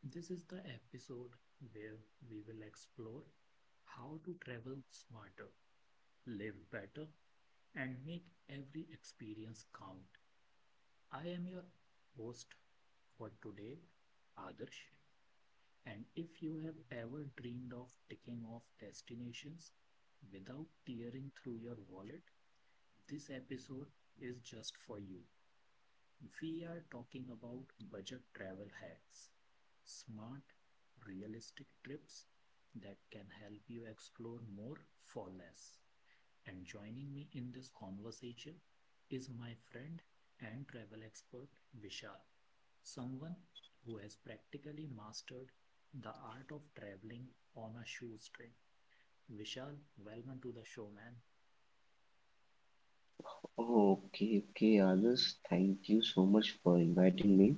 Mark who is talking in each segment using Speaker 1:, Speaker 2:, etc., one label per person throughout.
Speaker 1: This is the episode where we will explore how to travel smarter, live better, and make every experience count. I am your host for today, Adarsh. And if you have ever dreamed of ticking off destinations without tearing through your wallet, this episode is just for you. We are talking about budget travel hacks, smart, realistic trips that can help you explore more for less. And joining me in this conversation is my friend and travel expert Vishal, someone who has practically mastered the art of traveling on a shoestring. Vishal, welcome to the show, man.
Speaker 2: Oh, okay, okay, Adarsh, thank you so much for inviting me,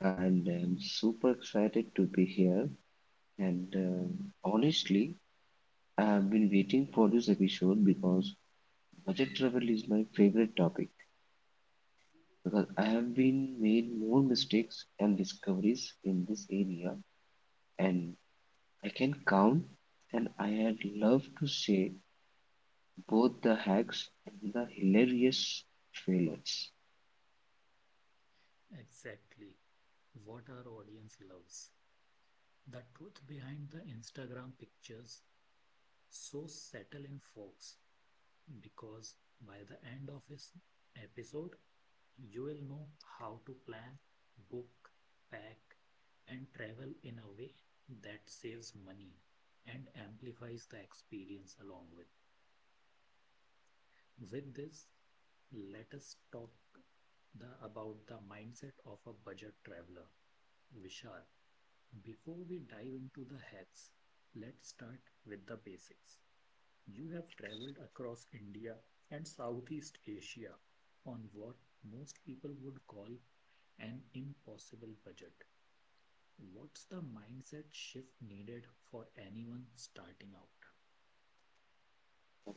Speaker 2: and I'm super excited to be here. And honestly, I've been waiting for this episode, because budget travel is my favorite topic, because I have been made more mistakes and discoveries in this area and I can count. And I had loved to say both the hacks and the hilarious failures.
Speaker 1: Exactly what our audience loves. The truth behind the Instagram pictures, so settle in, folks, because by the end of this episode, you will know how to plan, book, pack, and travel in a way that saves money and amplifies the experience along with. With this, let us talk about the mindset of a budget traveler. Vishal, before we dive into the hacks, let's start with the basics. You have traveled across India and Southeast Asia on what most people would call an impossible budget. What's the mindset shift needed for anyone starting out?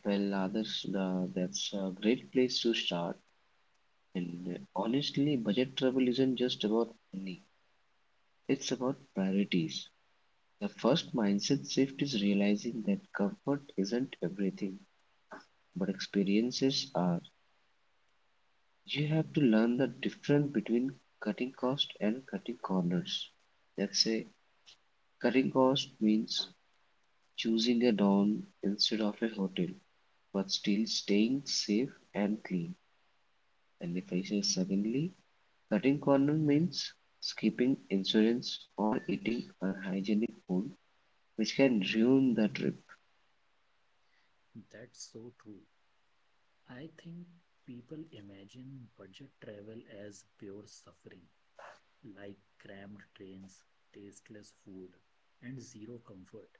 Speaker 2: Well, others, that's a great place to start. And honestly, budget trouble isn't just about money, it's about priorities. The first mindset shift is realizing that comfort isn't everything, but experiences are. You have to learn the difference between cutting cost and cutting corners. Let's say cutting cost means choosing a dorm instead of a hotel, but still staying safe and clean. And if I say secondly, cutting corners means skipping insurance or eating unhygienic food, which can ruin the trip.
Speaker 1: That's so true. I think people imagine budget travel as pure suffering, like crammed trains, tasteless food, and zero comfort.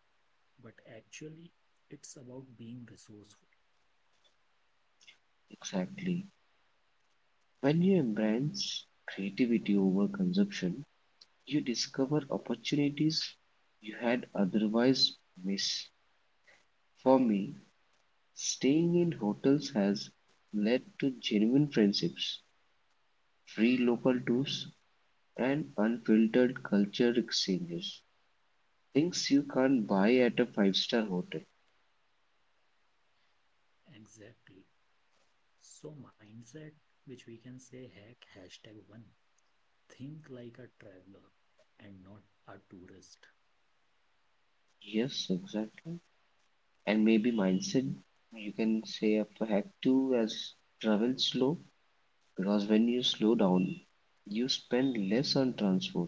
Speaker 1: But actually, it's about being resourceful.
Speaker 2: Exactly. When you embrace creativity over consumption, you discover opportunities you had otherwise missed. For me, staying in hotels has led to genuine friendships, free local tours, and unfiltered culture exchanges. Things you can't buy at a five-star hotel.
Speaker 1: Exactly. So, mindset, which we can say hack hashtag one, think like a traveler and not a tourist.
Speaker 2: Yes, exactly. And maybe mindset you can say up to hack two as travel slow, because when you slow down you spend less on transport,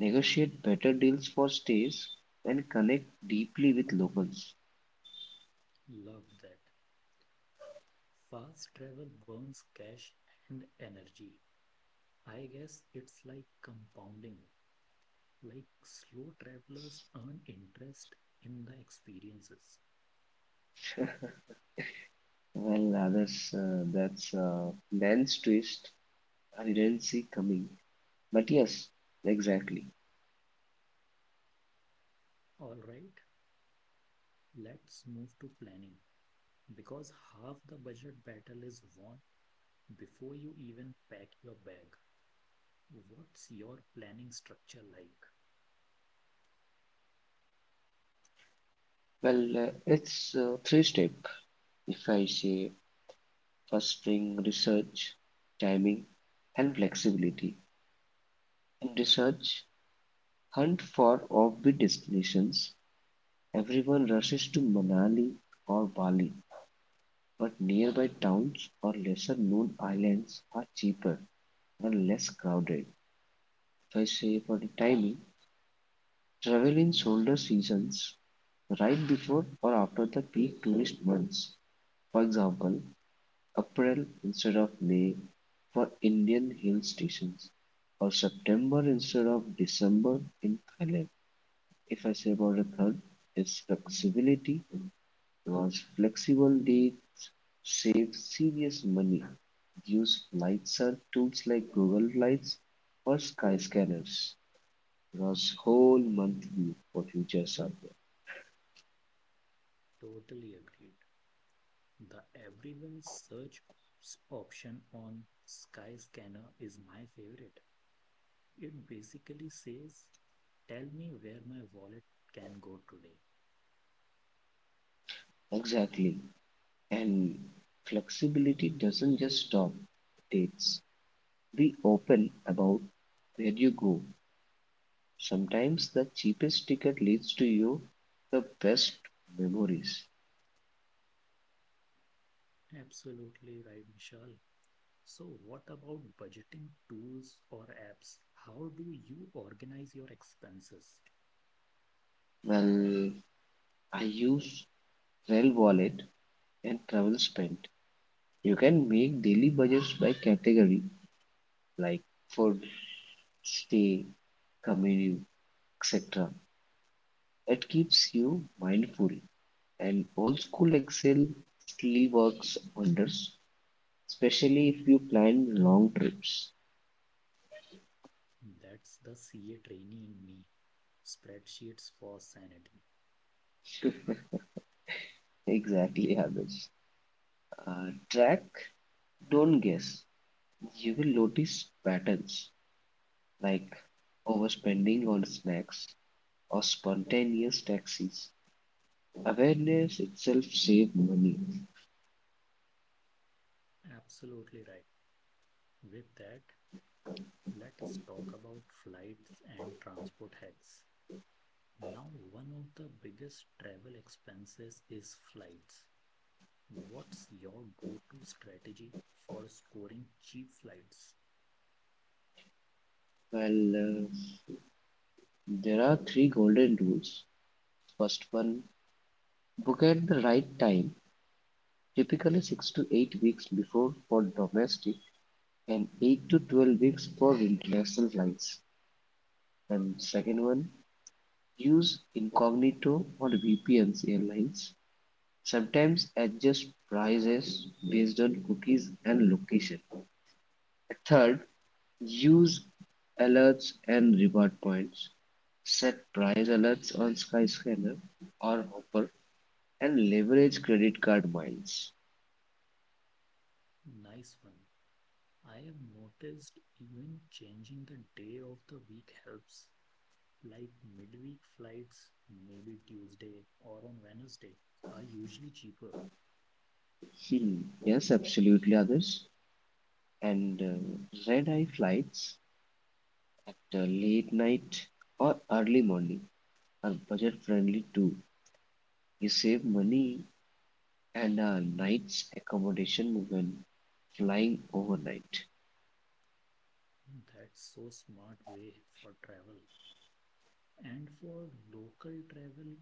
Speaker 2: negotiate better deals for stays, and connect deeply with locals.
Speaker 1: Love that. Fast travel burns cash and energy. I guess it's like compounding, like slow travelers earn interest in the experiences.
Speaker 2: Well, that's lens twist I didn't see coming, but yes, exactly.
Speaker 1: All right, let's move to planning because half the budget battle is won before you even pack your bag. What's your planning structure like?
Speaker 2: Well, it's three step. If I say, first thing: research, timing, and flexibility. In research, hunt for offbeat destinations. Everyone rushes to Manali or Bali, but nearby towns or lesser-known islands are cheaper and less crowded. If I say for the timing, travel in shoulder seasons, right before or after the peak tourist months. For example, April instead of May for Indian hill stations, or September instead of December in Thailand. If I say about the third, is flexibility. Because flexible dates save serious money. Use flight search tools like Google Flights or Skyscanners, because whole month view for future survey.
Speaker 1: Totally agreed. The everywhere search option on Skyscanner is my favorite. It basically says, tell me where my wallet can go today.
Speaker 2: Exactly. And flexibility doesn't just stop at dates. Be open about where you go. Sometimes the cheapest ticket leads to you the best memories.
Speaker 1: Absolutely right, Vishal. So, what about budgeting tools or apps? How do you organize your expenses?
Speaker 2: Well, I use Rail Wallet and Travel Spend. You can make daily budgets by category like food, stay, commute, etc. It keeps you mindful, and old school Excel still works wonders, especially if you plan long trips.
Speaker 1: That's the CA trainee in me. Spreadsheets for sanity.
Speaker 2: Exactly, habits. Track, don't guess. You will notice patterns like overspending on snacks or spontaneous taxis. Awareness itself saves money.
Speaker 1: Absolutely right. With that, let us talk about flights and transport hacks. Now, one of the biggest travel expenses is flights. What's your go to strategy for scoring cheap flights?
Speaker 2: Well, there are three golden rules. First one, book at the right time, typically 6 to 8 weeks before for domestic and 8 to 12 weeks for international flights. And second one, use incognito or VPNs airlines. Sometimes adjust prices based on cookies and location. Third, use alerts and reward points. Set price alerts on Skyscanner or Hopper and leverage credit card miles.
Speaker 1: Nice one. I have noticed even changing the day of the week helps, like midweek flights, maybe Tuesday or on Wednesday, are usually cheaper.
Speaker 2: Hmm. Yes, absolutely, others. And red eye flights, the late night or early morning, are budget friendly too. You save money and a night's accommodation when flying overnight.
Speaker 1: That's so smart way for travel. And for local travel,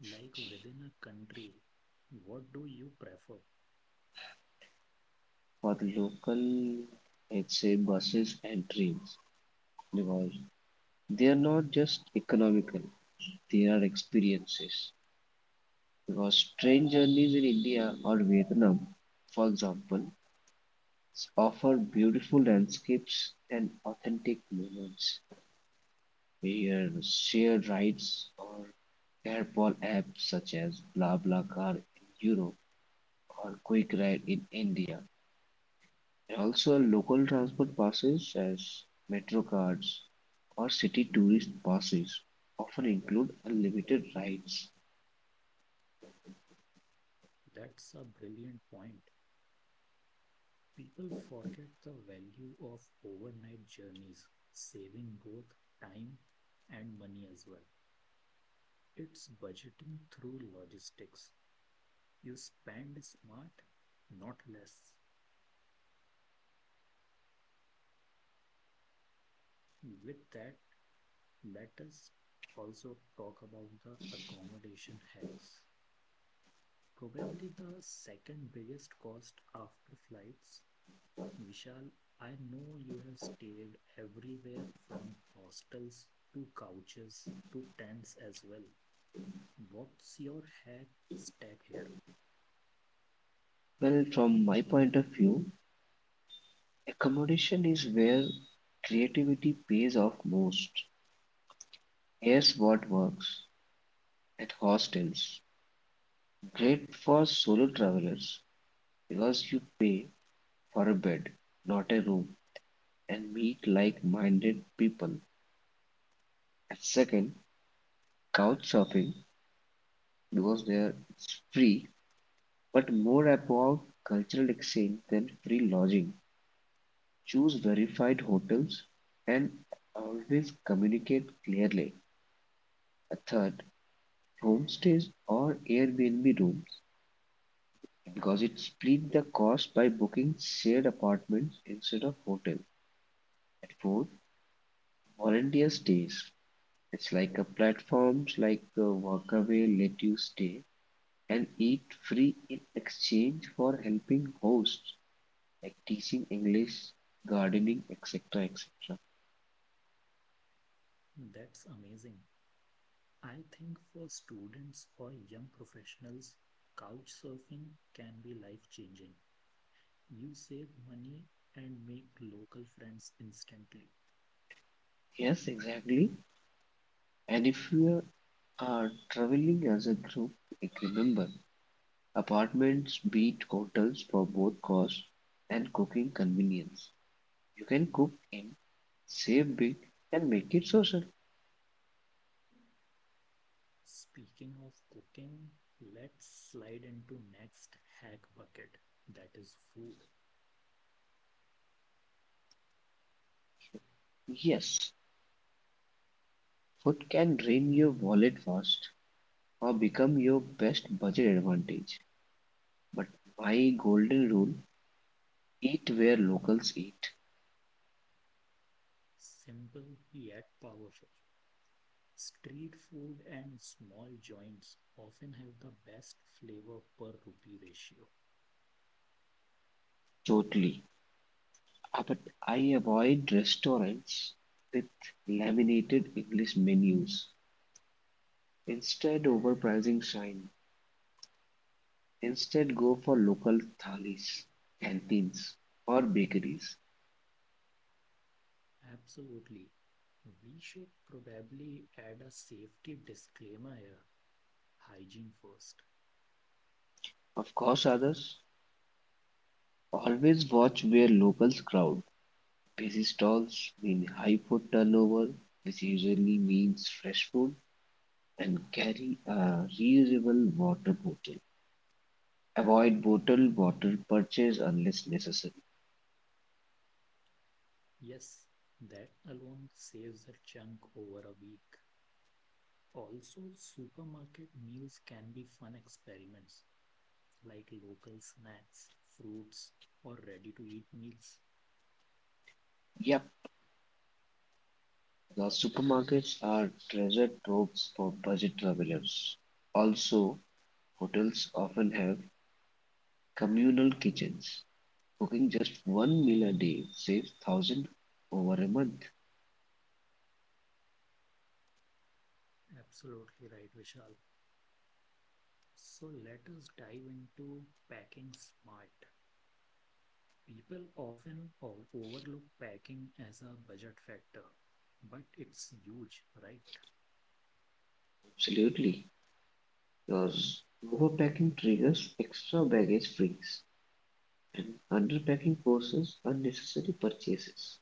Speaker 1: like within a country, what do you prefer?
Speaker 2: For the local, let's say, buses and trains, because they are not just economical, they are experiences. Because train journeys in India or Vietnam, for example, offer beautiful landscapes and authentic moments, where shared rides or carpool apps such as BlaBlaCar in Europe or QuickRide in India. And also local transport passes as metro cards or city tourist passes often include unlimited rides.
Speaker 1: That's a brilliant point. People forget the value of overnight journeys, saving both time and money as well. It's budgeting through logistics. You spend smart, not less. With that, let us also talk about the accommodation hacks. Probably the second biggest cost after flights. Vishal, I know you have stayed everywhere from hostels to couches to tents as well. What's your hack stack here?
Speaker 2: Well, from my point of view, accommodation is where creativity pays off most. Here's what works at hostels. Great for solo travelers, because you pay for a bed, not a room, and meet like minded people. And second, couch surfing, because there it's free but more about cultural exchange than free lodging. Choose verified hotels and always communicate clearly. A third, homestays or Airbnb rooms, because it split the cost by booking shared apartments instead of hotel. At fourth, volunteer stays. It's like a platforms like Workaway let you stay and eat free in exchange for helping hosts, like teaching English, gardening, etc., etc.
Speaker 1: That's amazing. I think for students or young professionals, couch surfing can be life changing. You save money and make local friends instantly.
Speaker 2: Yes, exactly. And if you are traveling as a group, like remember, apartments beat hotels for both cost and cooking convenience. You can cook in, save big, and make it social.
Speaker 1: Speaking of cooking, let's slide into next hack bucket. That is food.
Speaker 2: Yes. Food can drain your wallet fast or become your best budget advantage. But my golden rule, eat where locals eat.
Speaker 1: Simple yet powerful. Street food and small joints often have the best flavor per rupee ratio.
Speaker 2: Totally. Ah, but I avoid restaurants with laminated English menus. Instead, overpricing shine. Instead, go for local thalis, canteens, or bakeries.
Speaker 1: Absolutely. We should probably add a safety disclaimer here. Hygiene first.
Speaker 2: Of course, others, always watch where locals crowd. Busy stalls mean high food turnover, which usually means fresh food, and carry a reusable water bottle. Avoid bottled water purchase unless necessary.
Speaker 1: Yes, that alone saves a chunk over a week. Also, supermarket meals can be fun experiments like local snacks, fruits, or ready to eat meals.
Speaker 2: Yep, the supermarkets are treasure troves for budget travelers. Also, hotels often have communal kitchens. Cooking just one meal a day saves thousand over a month.
Speaker 1: Absolutely right, Vishal. So, let us dive into packing smart. People often overlook packing as a budget factor, but it's huge, right?
Speaker 2: Absolutely. Because overpacking triggers extra baggage fees. And underpacking forces unnecessary purchases.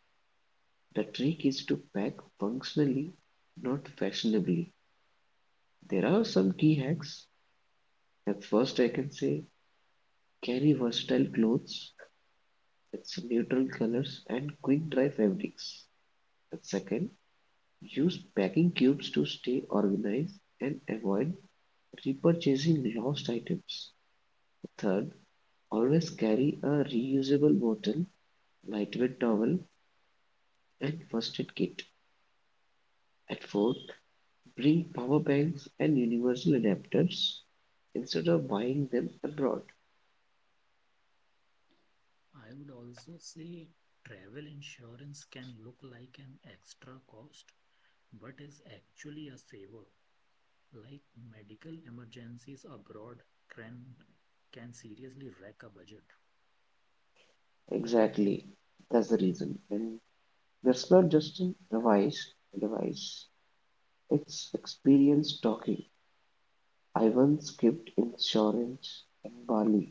Speaker 2: The trick is to pack functionally, not fashionably. There are some key hacks. At first I can say, carry versatile clothes with some neutral colors and quick dry fabrics. At second, use packing cubes to stay organized and avoid repurchasing lost items. Third, always carry a reusable bottle, lightweight towel, and first aid kit. At fourth, bring power banks and universal adapters instead of buying them abroad.
Speaker 1: I would also say travel insurance can look like an extra cost, but is actually a saver. Like medical emergencies abroad can can seriously wreck a budget,
Speaker 2: Exactly. That's the reason. And that's not just an advice. It's experience talking. I once skipped insurance in Bali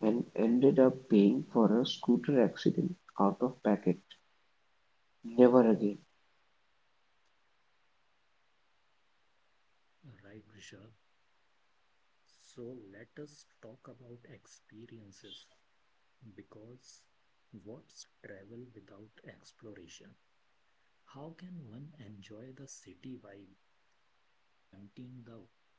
Speaker 2: and ended up paying for a scooter accident out of pocket. Never again.
Speaker 1: right, Vishal? So let us talk about experiences because what's travel without exploration? How can one enjoy the city vibe without emptying the wallet?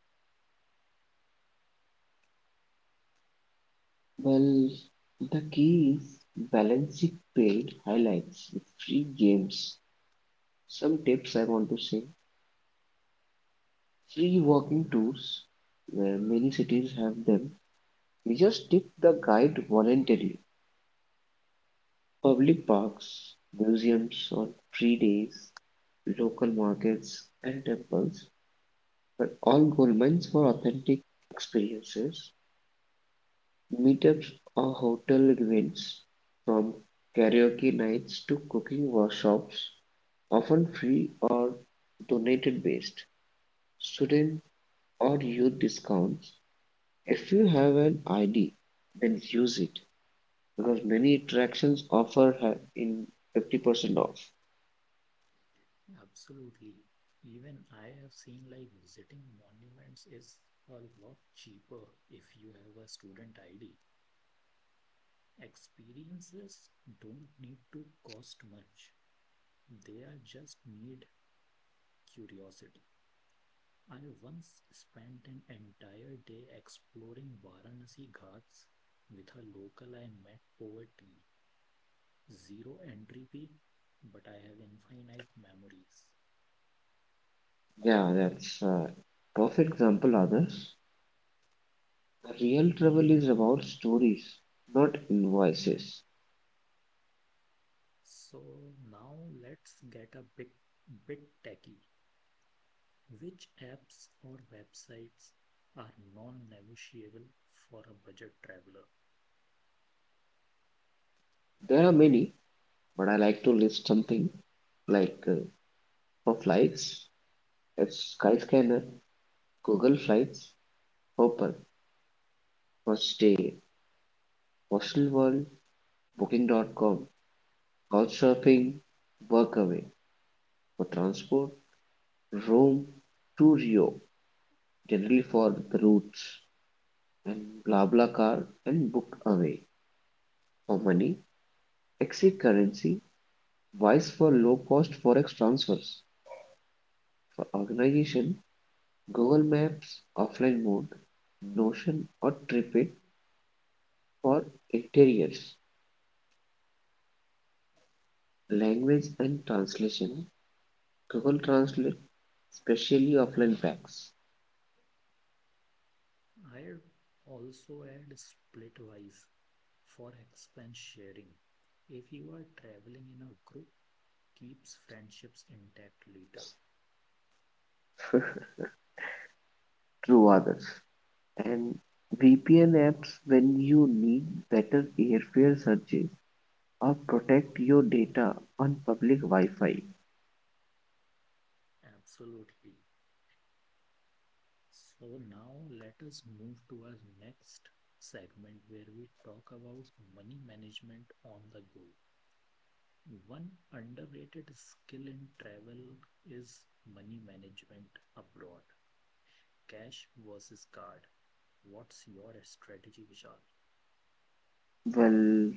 Speaker 2: Well, the key is balancing paid highlights with free games. Some tips I want to say: free walking tours, where many cities have them, we just tip the guide voluntarily. Public parks, museums on free days, local markets and temples, but all gold mines for authentic experiences. Meetups or hotel events, from karaoke nights to cooking workshops, often free or donated based. Student or youth discounts: if you have an ID, then use it because many attractions offer in 50% off.
Speaker 1: Absolutely. Even I have seen like visiting monuments is a lot cheaper if you have a student ID. Experiences don't need to cost much. They are just need curiosity. I once spent an entire day exploring Varanasi Ghats with a local I met over tea. Zero entropy, but I have infinite memories.
Speaker 2: Yeah, that's a perfect example, others. Real travel is about stories, not invoices.
Speaker 1: So now let's get a bit techie. Which apps or websites are non-negotiable for a budget traveler?
Speaker 2: There are many, but I like to list something like for flights, it's Skyscanner, Google Flights, Hopper; for stay, Hostel World, Booking.com, Couchsurfing, Workaway; for transport, Rome to Rio generally for the routes, and BlaBlaCar and Bookaway; for money, exit currency, Wise for low-cost forex transfers. For organization, Google Maps offline mode, Notion or TripIt for interiors; language and translation, Google Translate, especially offline packs,
Speaker 1: I'd also add Splitwise for expense sharing. If you are traveling in a group, keeps friendships intact later.
Speaker 2: through others. And VPN apps when you need better airfare searches, or protect your data on public Wi-Fi.
Speaker 1: Absolutely. So now let us move to our next segment where we talk about money management on the go. One underrated skill in travel is money management abroad. Cash versus card. What's your strategy, Vishal?
Speaker 2: Well,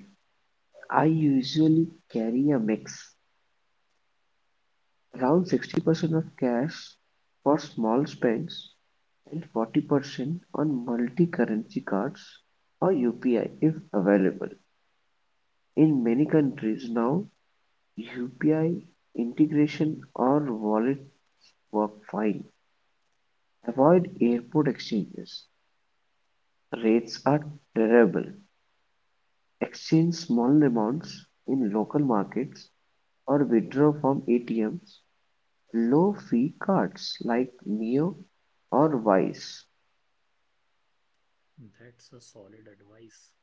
Speaker 2: I usually carry a mix, around 60% of cash for small spends and 40% on multi-currency cards or UPI if available. In many countries now, UPI integration or wallet work fine. Avoid airport exchanges. Rates are terrible. Exchange small amounts in local markets or withdraw from ATMs, low-fee cards like Neo or Wise.
Speaker 1: That's a solid advice.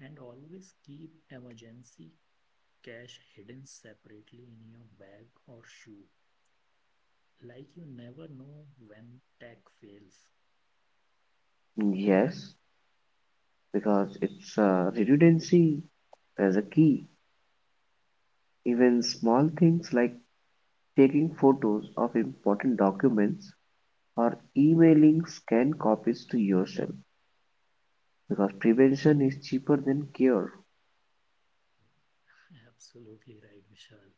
Speaker 1: And always keep emergency cash hidden separately in your bag or shoe. Like you never know when tech fails.
Speaker 2: Yes, because it's a redundancy as a key. Even small things like taking photos of important documents or emailing scanned copies to yourself, because prevention is cheaper than cure.
Speaker 1: Absolutely right, Vishal.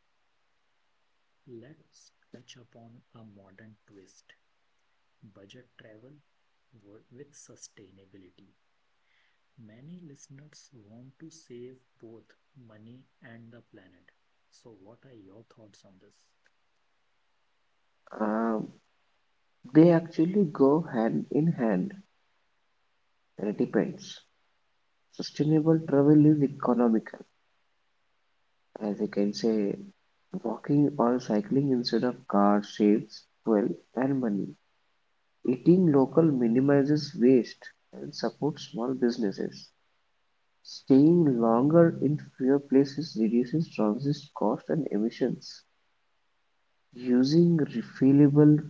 Speaker 1: Let's touch upon a modern twist, budget travel with sustainability. Many listeners want to save both money and the planet. So, what are your thoughts on this?
Speaker 2: Um, they actually go hand in hand, and it depends. Sustainable travel is economical. As I can say, walking or cycling instead of car saves fuel and money. Eating local minimizes waste and supports small businesses. Staying longer in fewer places reduces transit cost and emissions. Using refillable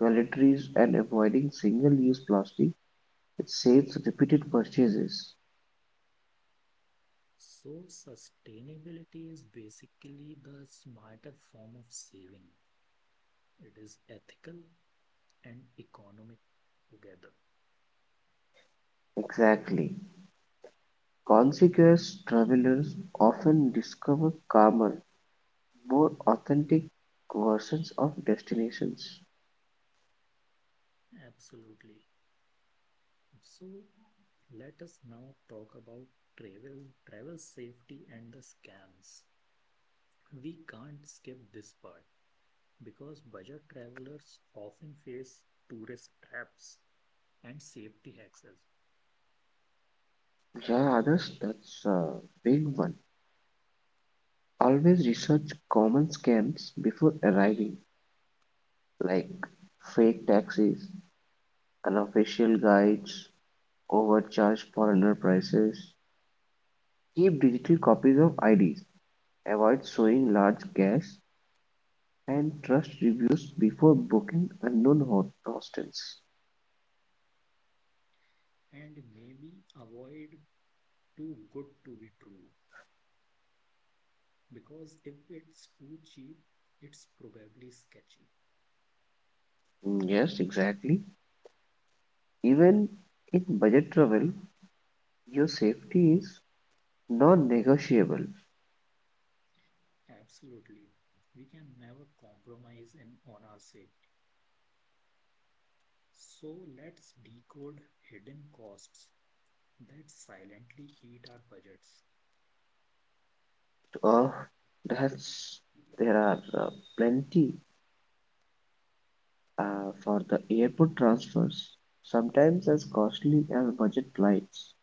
Speaker 2: toiletries and avoiding single-use plastic, it saves repeated purchases.
Speaker 1: So, sustainability is basically the smarter form of saving, it is ethical and economic together.
Speaker 2: Exactly. Conscious travelers often discover calmer, more authentic versions of destinations.
Speaker 1: Absolutely. So let us now talk about travel, travel safety and the scams. We can't skip this part because budget travelers often face tourist traps and safety hacks,
Speaker 2: There are others, that's a big one. Always research common scams before arriving, like fake taxis, unofficial guides, overcharged foreigner prices. Keep digital copies of IDs, avoid showing large cash, and trust reviews before booking unknown hostels.
Speaker 1: and maybe avoid too good to be true because if it's too cheap, it's probably sketchy.
Speaker 2: Mm, yes, exactly. Even in budget travel, your safety is non-negotiable.
Speaker 1: Absolutely. We can never compromise in on our safety. So let's decode hidden costs that silently eat our budgets.
Speaker 2: Oh, that's there are plenty, for the airport transfers, sometimes as costly as budget flights.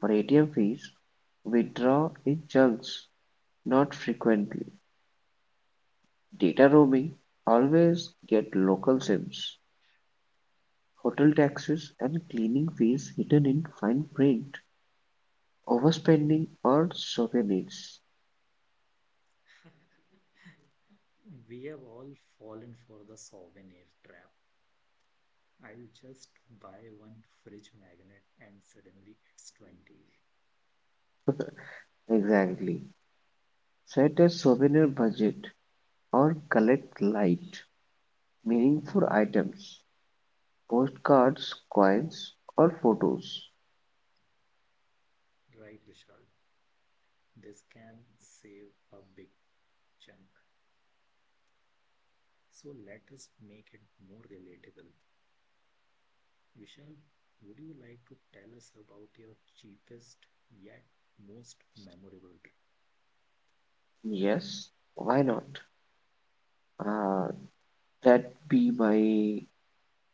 Speaker 2: For ATM fees, we draw in chunks, not frequently. Data roaming, always get local SIMs. Hotel taxes and cleaning fees hidden in fine print. Overspending on souvenirs.
Speaker 1: We have all fallen for the souvenir trap. I'll just buy one fridge magnet and suddenly it's 20.
Speaker 2: Exactly. Set a souvenir budget or collect light. Meaningful items: postcards, coins, or photos.
Speaker 1: Right, Vishal? This can save a big chunk. So let us make it more relatable. Vishal, would you like to tell us about your cheapest yet most memorable
Speaker 2: Yes, why not? Uh, that be my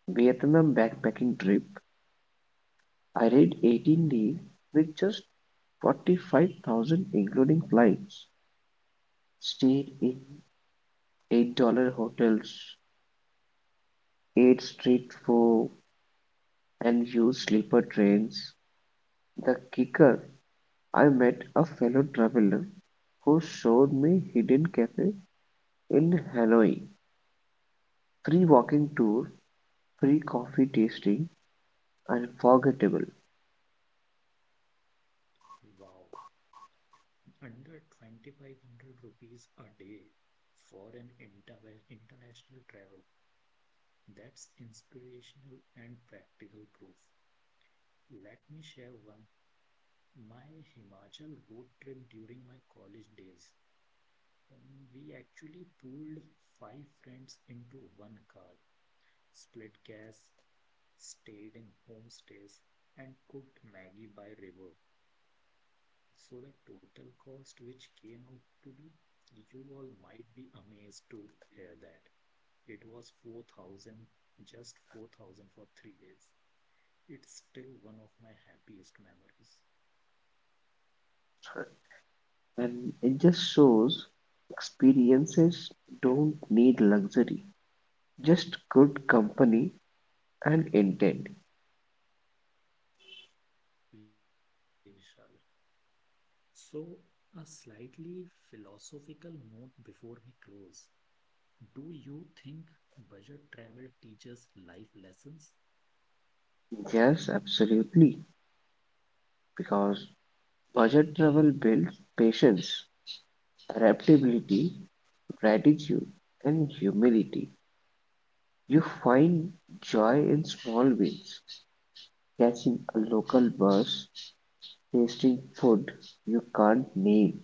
Speaker 2: Vietnam backpacking trip. I did 18 days with just 45,000 including flights. Stayed in $8 hotels, ate street food, and used sleeper trains. The kicker, I met a fellow traveler who showed me hidden cafe in Hanoi. Free walking tour, free coffee tasting, unforgettable.
Speaker 1: trip? Wow, under 2500 rupees a day for an international travel. That's inspirational and practical proof. Let me share one. My Himachal road trip during my college days. We actually pooled five friends into one car, split gas, stayed in homestays, and cooked Maggie by river. So the total cost which came out to be, you all might be amazed to hear that. It was 4,000, just 4,000 for 3 days. It's still one of my happiest memories.
Speaker 2: And it just shows experiences don't need luxury, just good company and intent.
Speaker 1: Absolutely, Vishal. So, a slightly philosophical note before we close. Do you think budget travel teaches life lessons?
Speaker 2: Yes, absolutely, because budget travel builds patience, adaptability, gratitude, and humility. You find joy in small wins, catching a local bus, tasting food you can't name,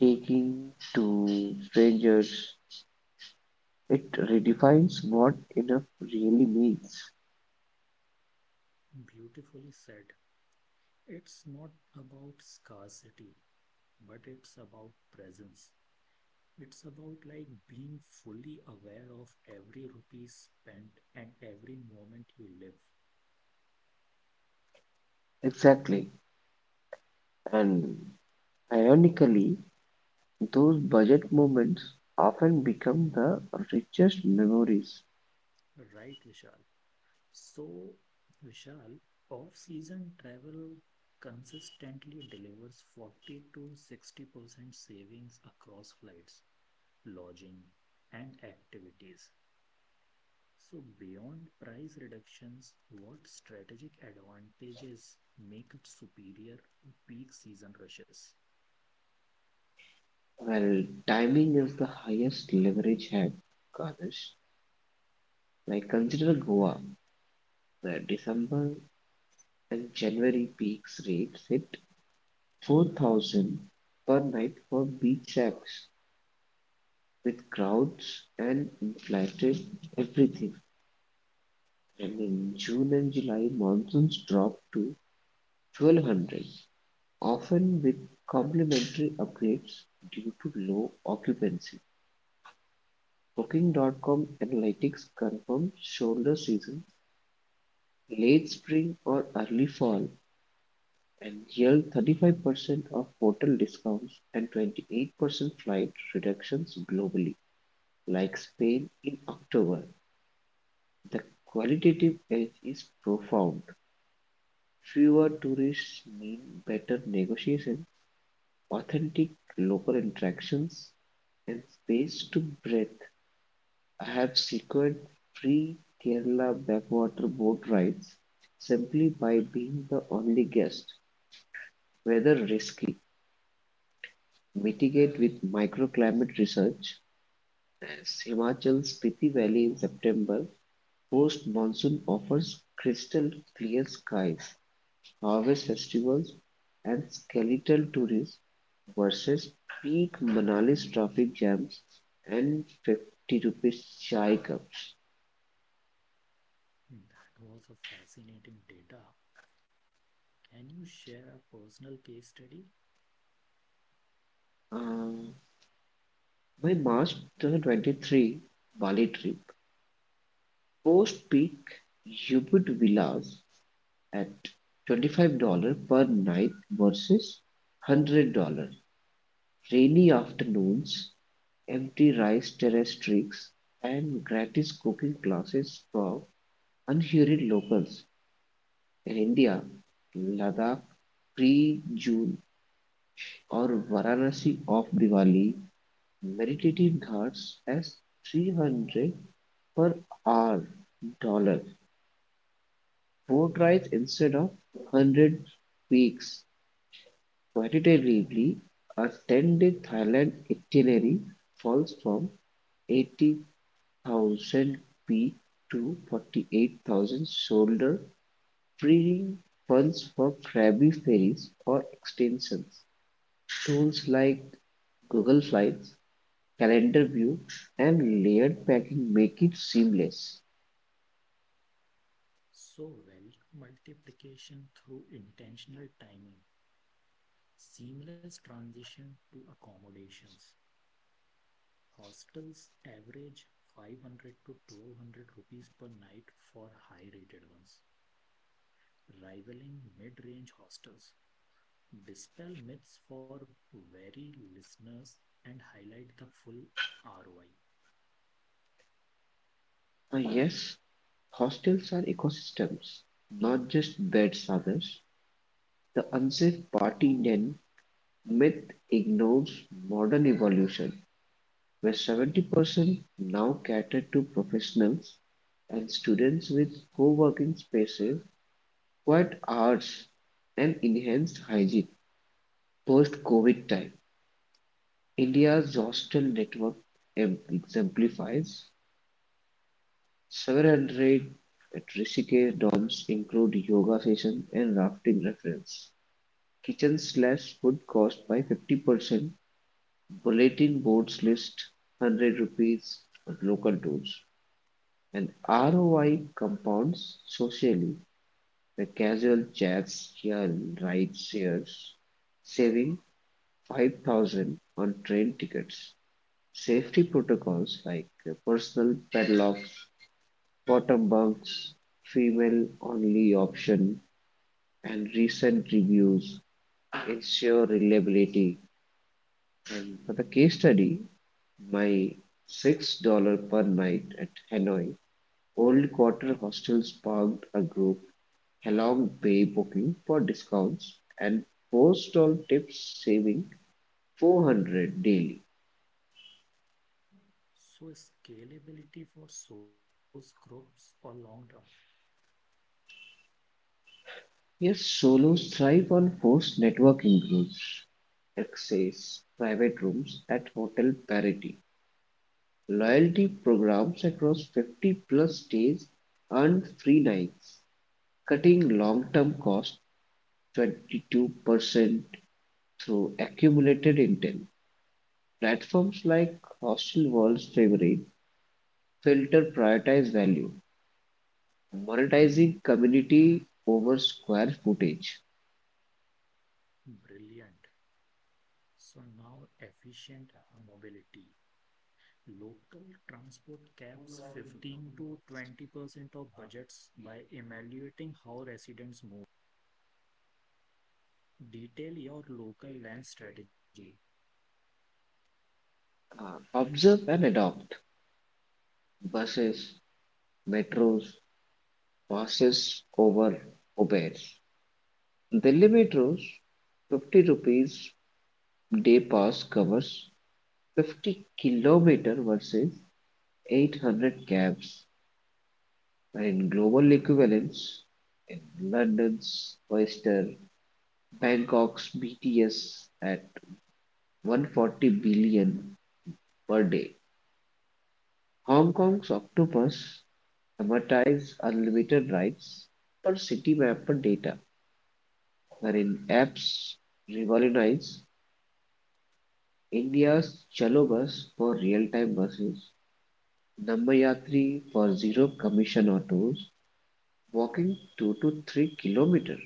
Speaker 2: taking to strangers. It redefines what enough really means.
Speaker 1: Beautifully said. It's not about scarcity, but it's about presence. It's about like being fully aware of every rupee spent and every moment you live.
Speaker 2: Exactly. And ironically, those budget moments often become the richest memories.
Speaker 1: Right, Vishal? So, Vishal, off-season travel consistently delivers 40 to 60% savings across flights, lodging, and activities. So, beyond price reductions, what strategic advantages make it superior to peak season rushes?
Speaker 2: Well, timing is the highest leverage hack, Ganesh. Like consider Goa, where December and January peaks rates hit 4,000 per night for beach shacks. With crowds and inflated everything, and in June and July monsoons dropped to 1200, often with complimentary upgrades due to low occupancy. Booking.com analytics confirmed shoulder season, late spring or early fall, and yield 35% of hotel discounts and 28% flight reductions globally, like Spain in October. The qualitative edge is profound: fewer tourists mean better negotiation, authentic local interactions, and space to breathe. I have secured free Kerala backwater boat rides simply by being the only guest. Weather risky. Mitigate with microclimate research as Himachal's Spiti Valley in September. Post monsoon offers crystal clear skies, harvest festivals, and skeletal tourists versus peak Manali's traffic jams and 50 rupees chai cups.
Speaker 1: That was a fascinating data. Can you share a personal case study?
Speaker 2: Um, my March 2023 Bali trip, post peak Ubud villas at $25 per night versus $100. Rainy afternoons, empty rice terrace tricks, and gratis cooking classes for unhurried locals. In India, Ladakh pre-June or Varanasi of Diwali meditative ghats as 300 per hour dollar boat rides instead of 100 weeks. Quantitatively, a 10-day Thailand itinerary falls from 80,000 feet to 48,000 shoulder, freeing funds for Krabi ferries or extensions. Tools like Google Slides, Calendar View, and layered packing make it seamless.
Speaker 1: So, value multiplication through intentional timing, seamless transition to accommodations. Hostels average 500 to 1200 rupees per night for high rated ones, rivaling mid range hostels. Dispel myths for wary listeners and highlight the full ROI.
Speaker 2: Ah, yes, hostels are ecosystems, not just beds, others. The unsafe party den myth ignores modern evolution, where 70% now cater to professionals and students with co-working spaces, quiet hours, and enhanced hygiene post-COVID time. India's hostel network exemplifies several raid at Rishikesh Dams include yoga sessions and rafting reference, kitchen/food cost by 50%, bulletin boards list 100 rupees on local tours, and ROI compounds socially. The casual chats here ride shares saving 5,000 on train tickets. Safety protocols like personal padlocks, bottom bunks, female-only option, and recent reviews ensure reliability. And for the case study, my $6 per night at Hanoi Old Quarter Hostel sparked a group along bay booking for discounts and four-stall tips saving 400 daily.
Speaker 1: So scalability for solos, groups, or long term.
Speaker 2: His solos thrive on forced networking groups, access private rooms at Hotel Parity, loyalty programs across 50-plus states, and free nights, cutting long-term costs 22% through accumulated intel. Platforms like Hostelworld's favorite filter prioritize value, monetizing community over square footage.
Speaker 1: Brilliant. So now efficient mobility. Local transport caps 15 to 20% of budgets by evaluating how residents move. Detail your local land strategy.
Speaker 2: Observe and adopt. Buses, metros passes over Uber. Delhi Metro's 50 rupees day pass covers 50-kilometer versus 800 cabs, and in global equivalents, in London's Oyster, Bangkok's BTS at 140 billion per day. Hong Kong's Octopus amortize unlimited rides per city mapper data, wherein apps revolutionize India's Chalo Bus for real-time buses, Nammayatri for zero commission autos, walking 2 to 3 kilometers,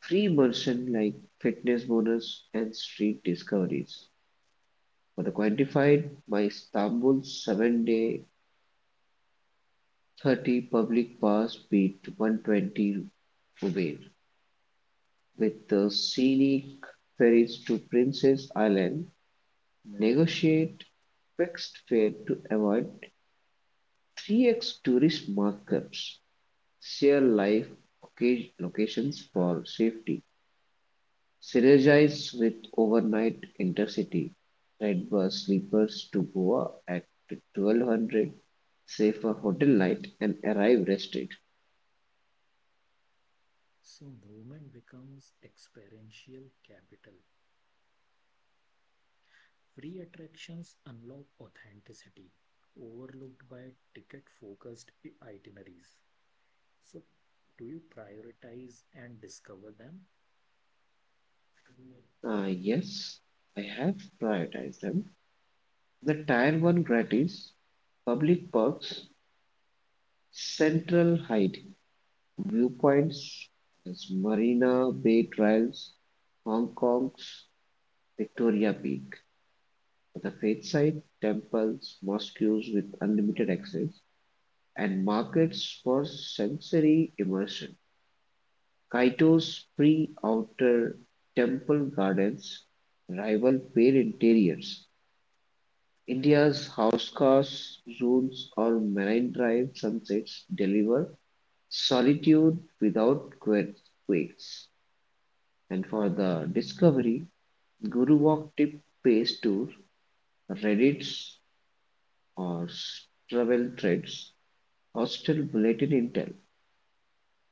Speaker 2: free merchant like fitness bonus and street discoveries. For the quantified, my Istanbul 7-day 30 public pass beat 120 Uber with the scenic ferries to Princess Island, negotiate fixed fare to avoid 3x tourist markups, share live locations for safety, synergize with overnight intercity, ride bus sleepers to Goa at 1200, safer hotel night, and arrive rested.
Speaker 1: So movement becomes experiential capital. Free attractions unlock authenticity, overlooked by ticket focused itineraries. So, do you prioritize and discover them?
Speaker 2: Ah, yes, I have prioritized them. The Tier 1 gratis, public parks, Central Hyde Viewpoints is Marina Bay Trails, Hong Kong's Victoria Peak, the faithsite, temples, mosques with unlimited access, and markets for sensory immersion. Kaito's free outer temple gardens rival fair interiors. India's house cars, zones, or marine drive sunsets deliver solitude without quakes. And for the discovery, Guru Walk tip pays to Reddit's or travel threads, hostel bulletin intel,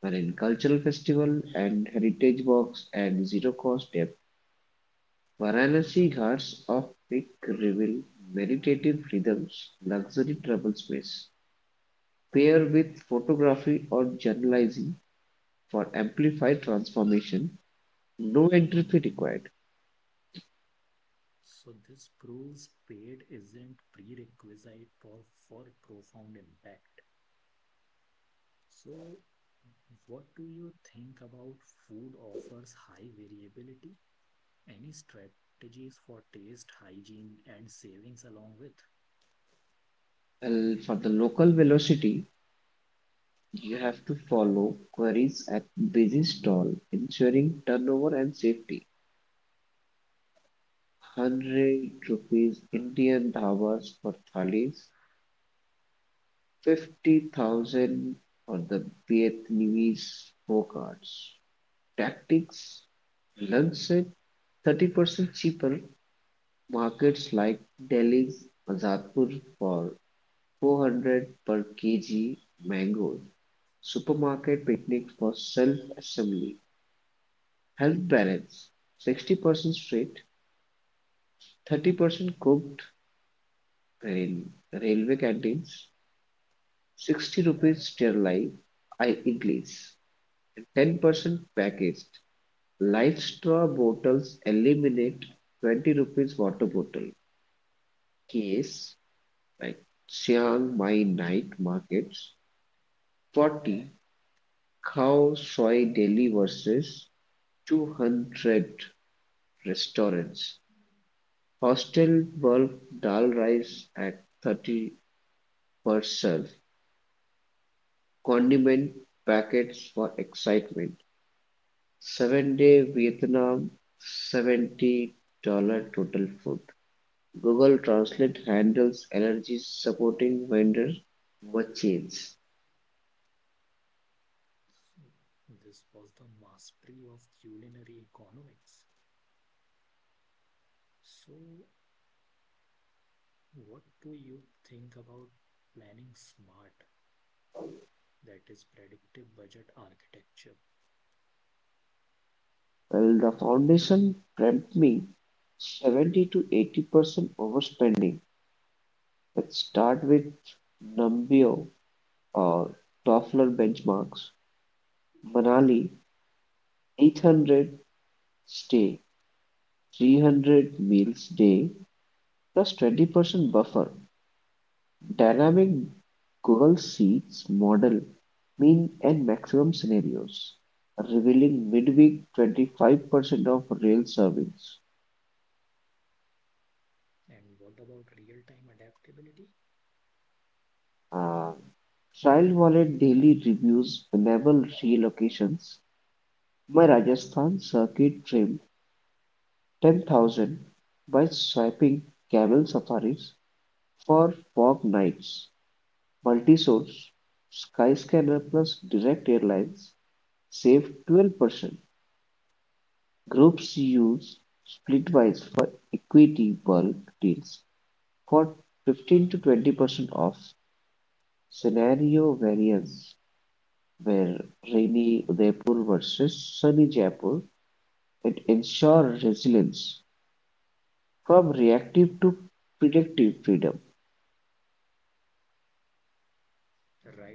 Speaker 2: wherein cultural festival and heritage walks and zero cost depth, Varanasi ghats of peak reveal meditative rhythms, luxury travel space. Pair with photography or journalizing for amplified transformation, no entry fee required.
Speaker 1: So, this proves paid isn't prerequisite for profound impact. So, what do you think about food offers high variability? Any strategies for taste, hygiene, and savings along with?
Speaker 2: And for the local velocity, you have to follow queries at busy stall, ensuring turnover and safety. 100 rupees Indian dhabas for thalis, 50,000 for the Vietnamese cards. Tactics lunch set 30% cheaper. Markets like Delhi's Azadpur for 400 per kg mangoes. Supermarket picnics for self assembly. Health balance 60% street, 30% cooked rail, railway canteens, 60 rupees sterile I idlis, 10% packaged. Life straw bottles eliminate 20 rupees water bottle. Case like Chiang Mai night markets 40 Khao Soi Delhi versus 200 restaurants. Hostel bulk dal rice at 30 herself condiment packets for excitement, 7-day Vietnam, $70 total food. Google Translate handles energy supporting vendor merchants.
Speaker 1: So, this was the mastery of culinary economics. So, what do you think about planning smart? That is predictive budget architecture.
Speaker 2: Well, the foundation prompt me 70 to 80% overspending. Let's start with Numbeo or Toffler benchmarks. Manali 800 stay, 300 meals day, plus 20% buffer. Dynamic Google Sheets model mean and maximum scenarios, revealing midweek 25% of real surveys.
Speaker 1: And what about real-time adaptability?
Speaker 2: Uh, Trial wallet daily reviews enable relocations. My Rajasthan circuit trimmed 10,000 by swiping camel safaris for fog nights. Multi-source, Skyscanner plus direct airlines save 12%. Groups use splitwise for equity bulk deals for 15-20% of scenario variance where rainy Udaipur versus sunny Jaipur and ensure resilience from reactive to predictive freedom.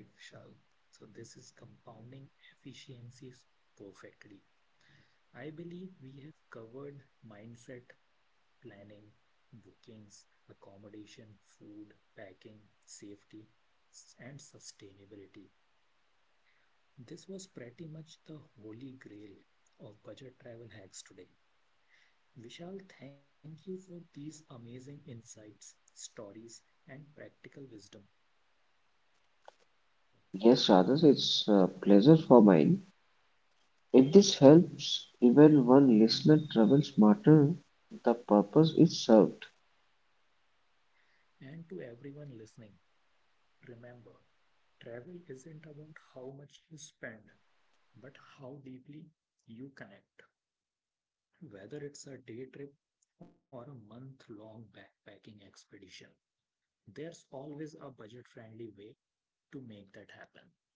Speaker 1: Right, Vishal. So this is compounding efficiencies perfectly. I believe we have covered mindset, planning, bookings, accommodation, food, packing, safety, and sustainability. This was pretty much the holy grail of budget travel hacks today. Vishal, thank you for these amazing insights, stories, and practical wisdom.
Speaker 2: Yes, Rajesh, it's a pleasure for mine. If this helps even one listener travel smarter, the purpose is served.
Speaker 1: And to everyone listening, remember travel isn't about how much you spend, but how deeply you connect, whether it's a day trip or a month long backpacking expedition. There's always a budget friendly way to make that happen.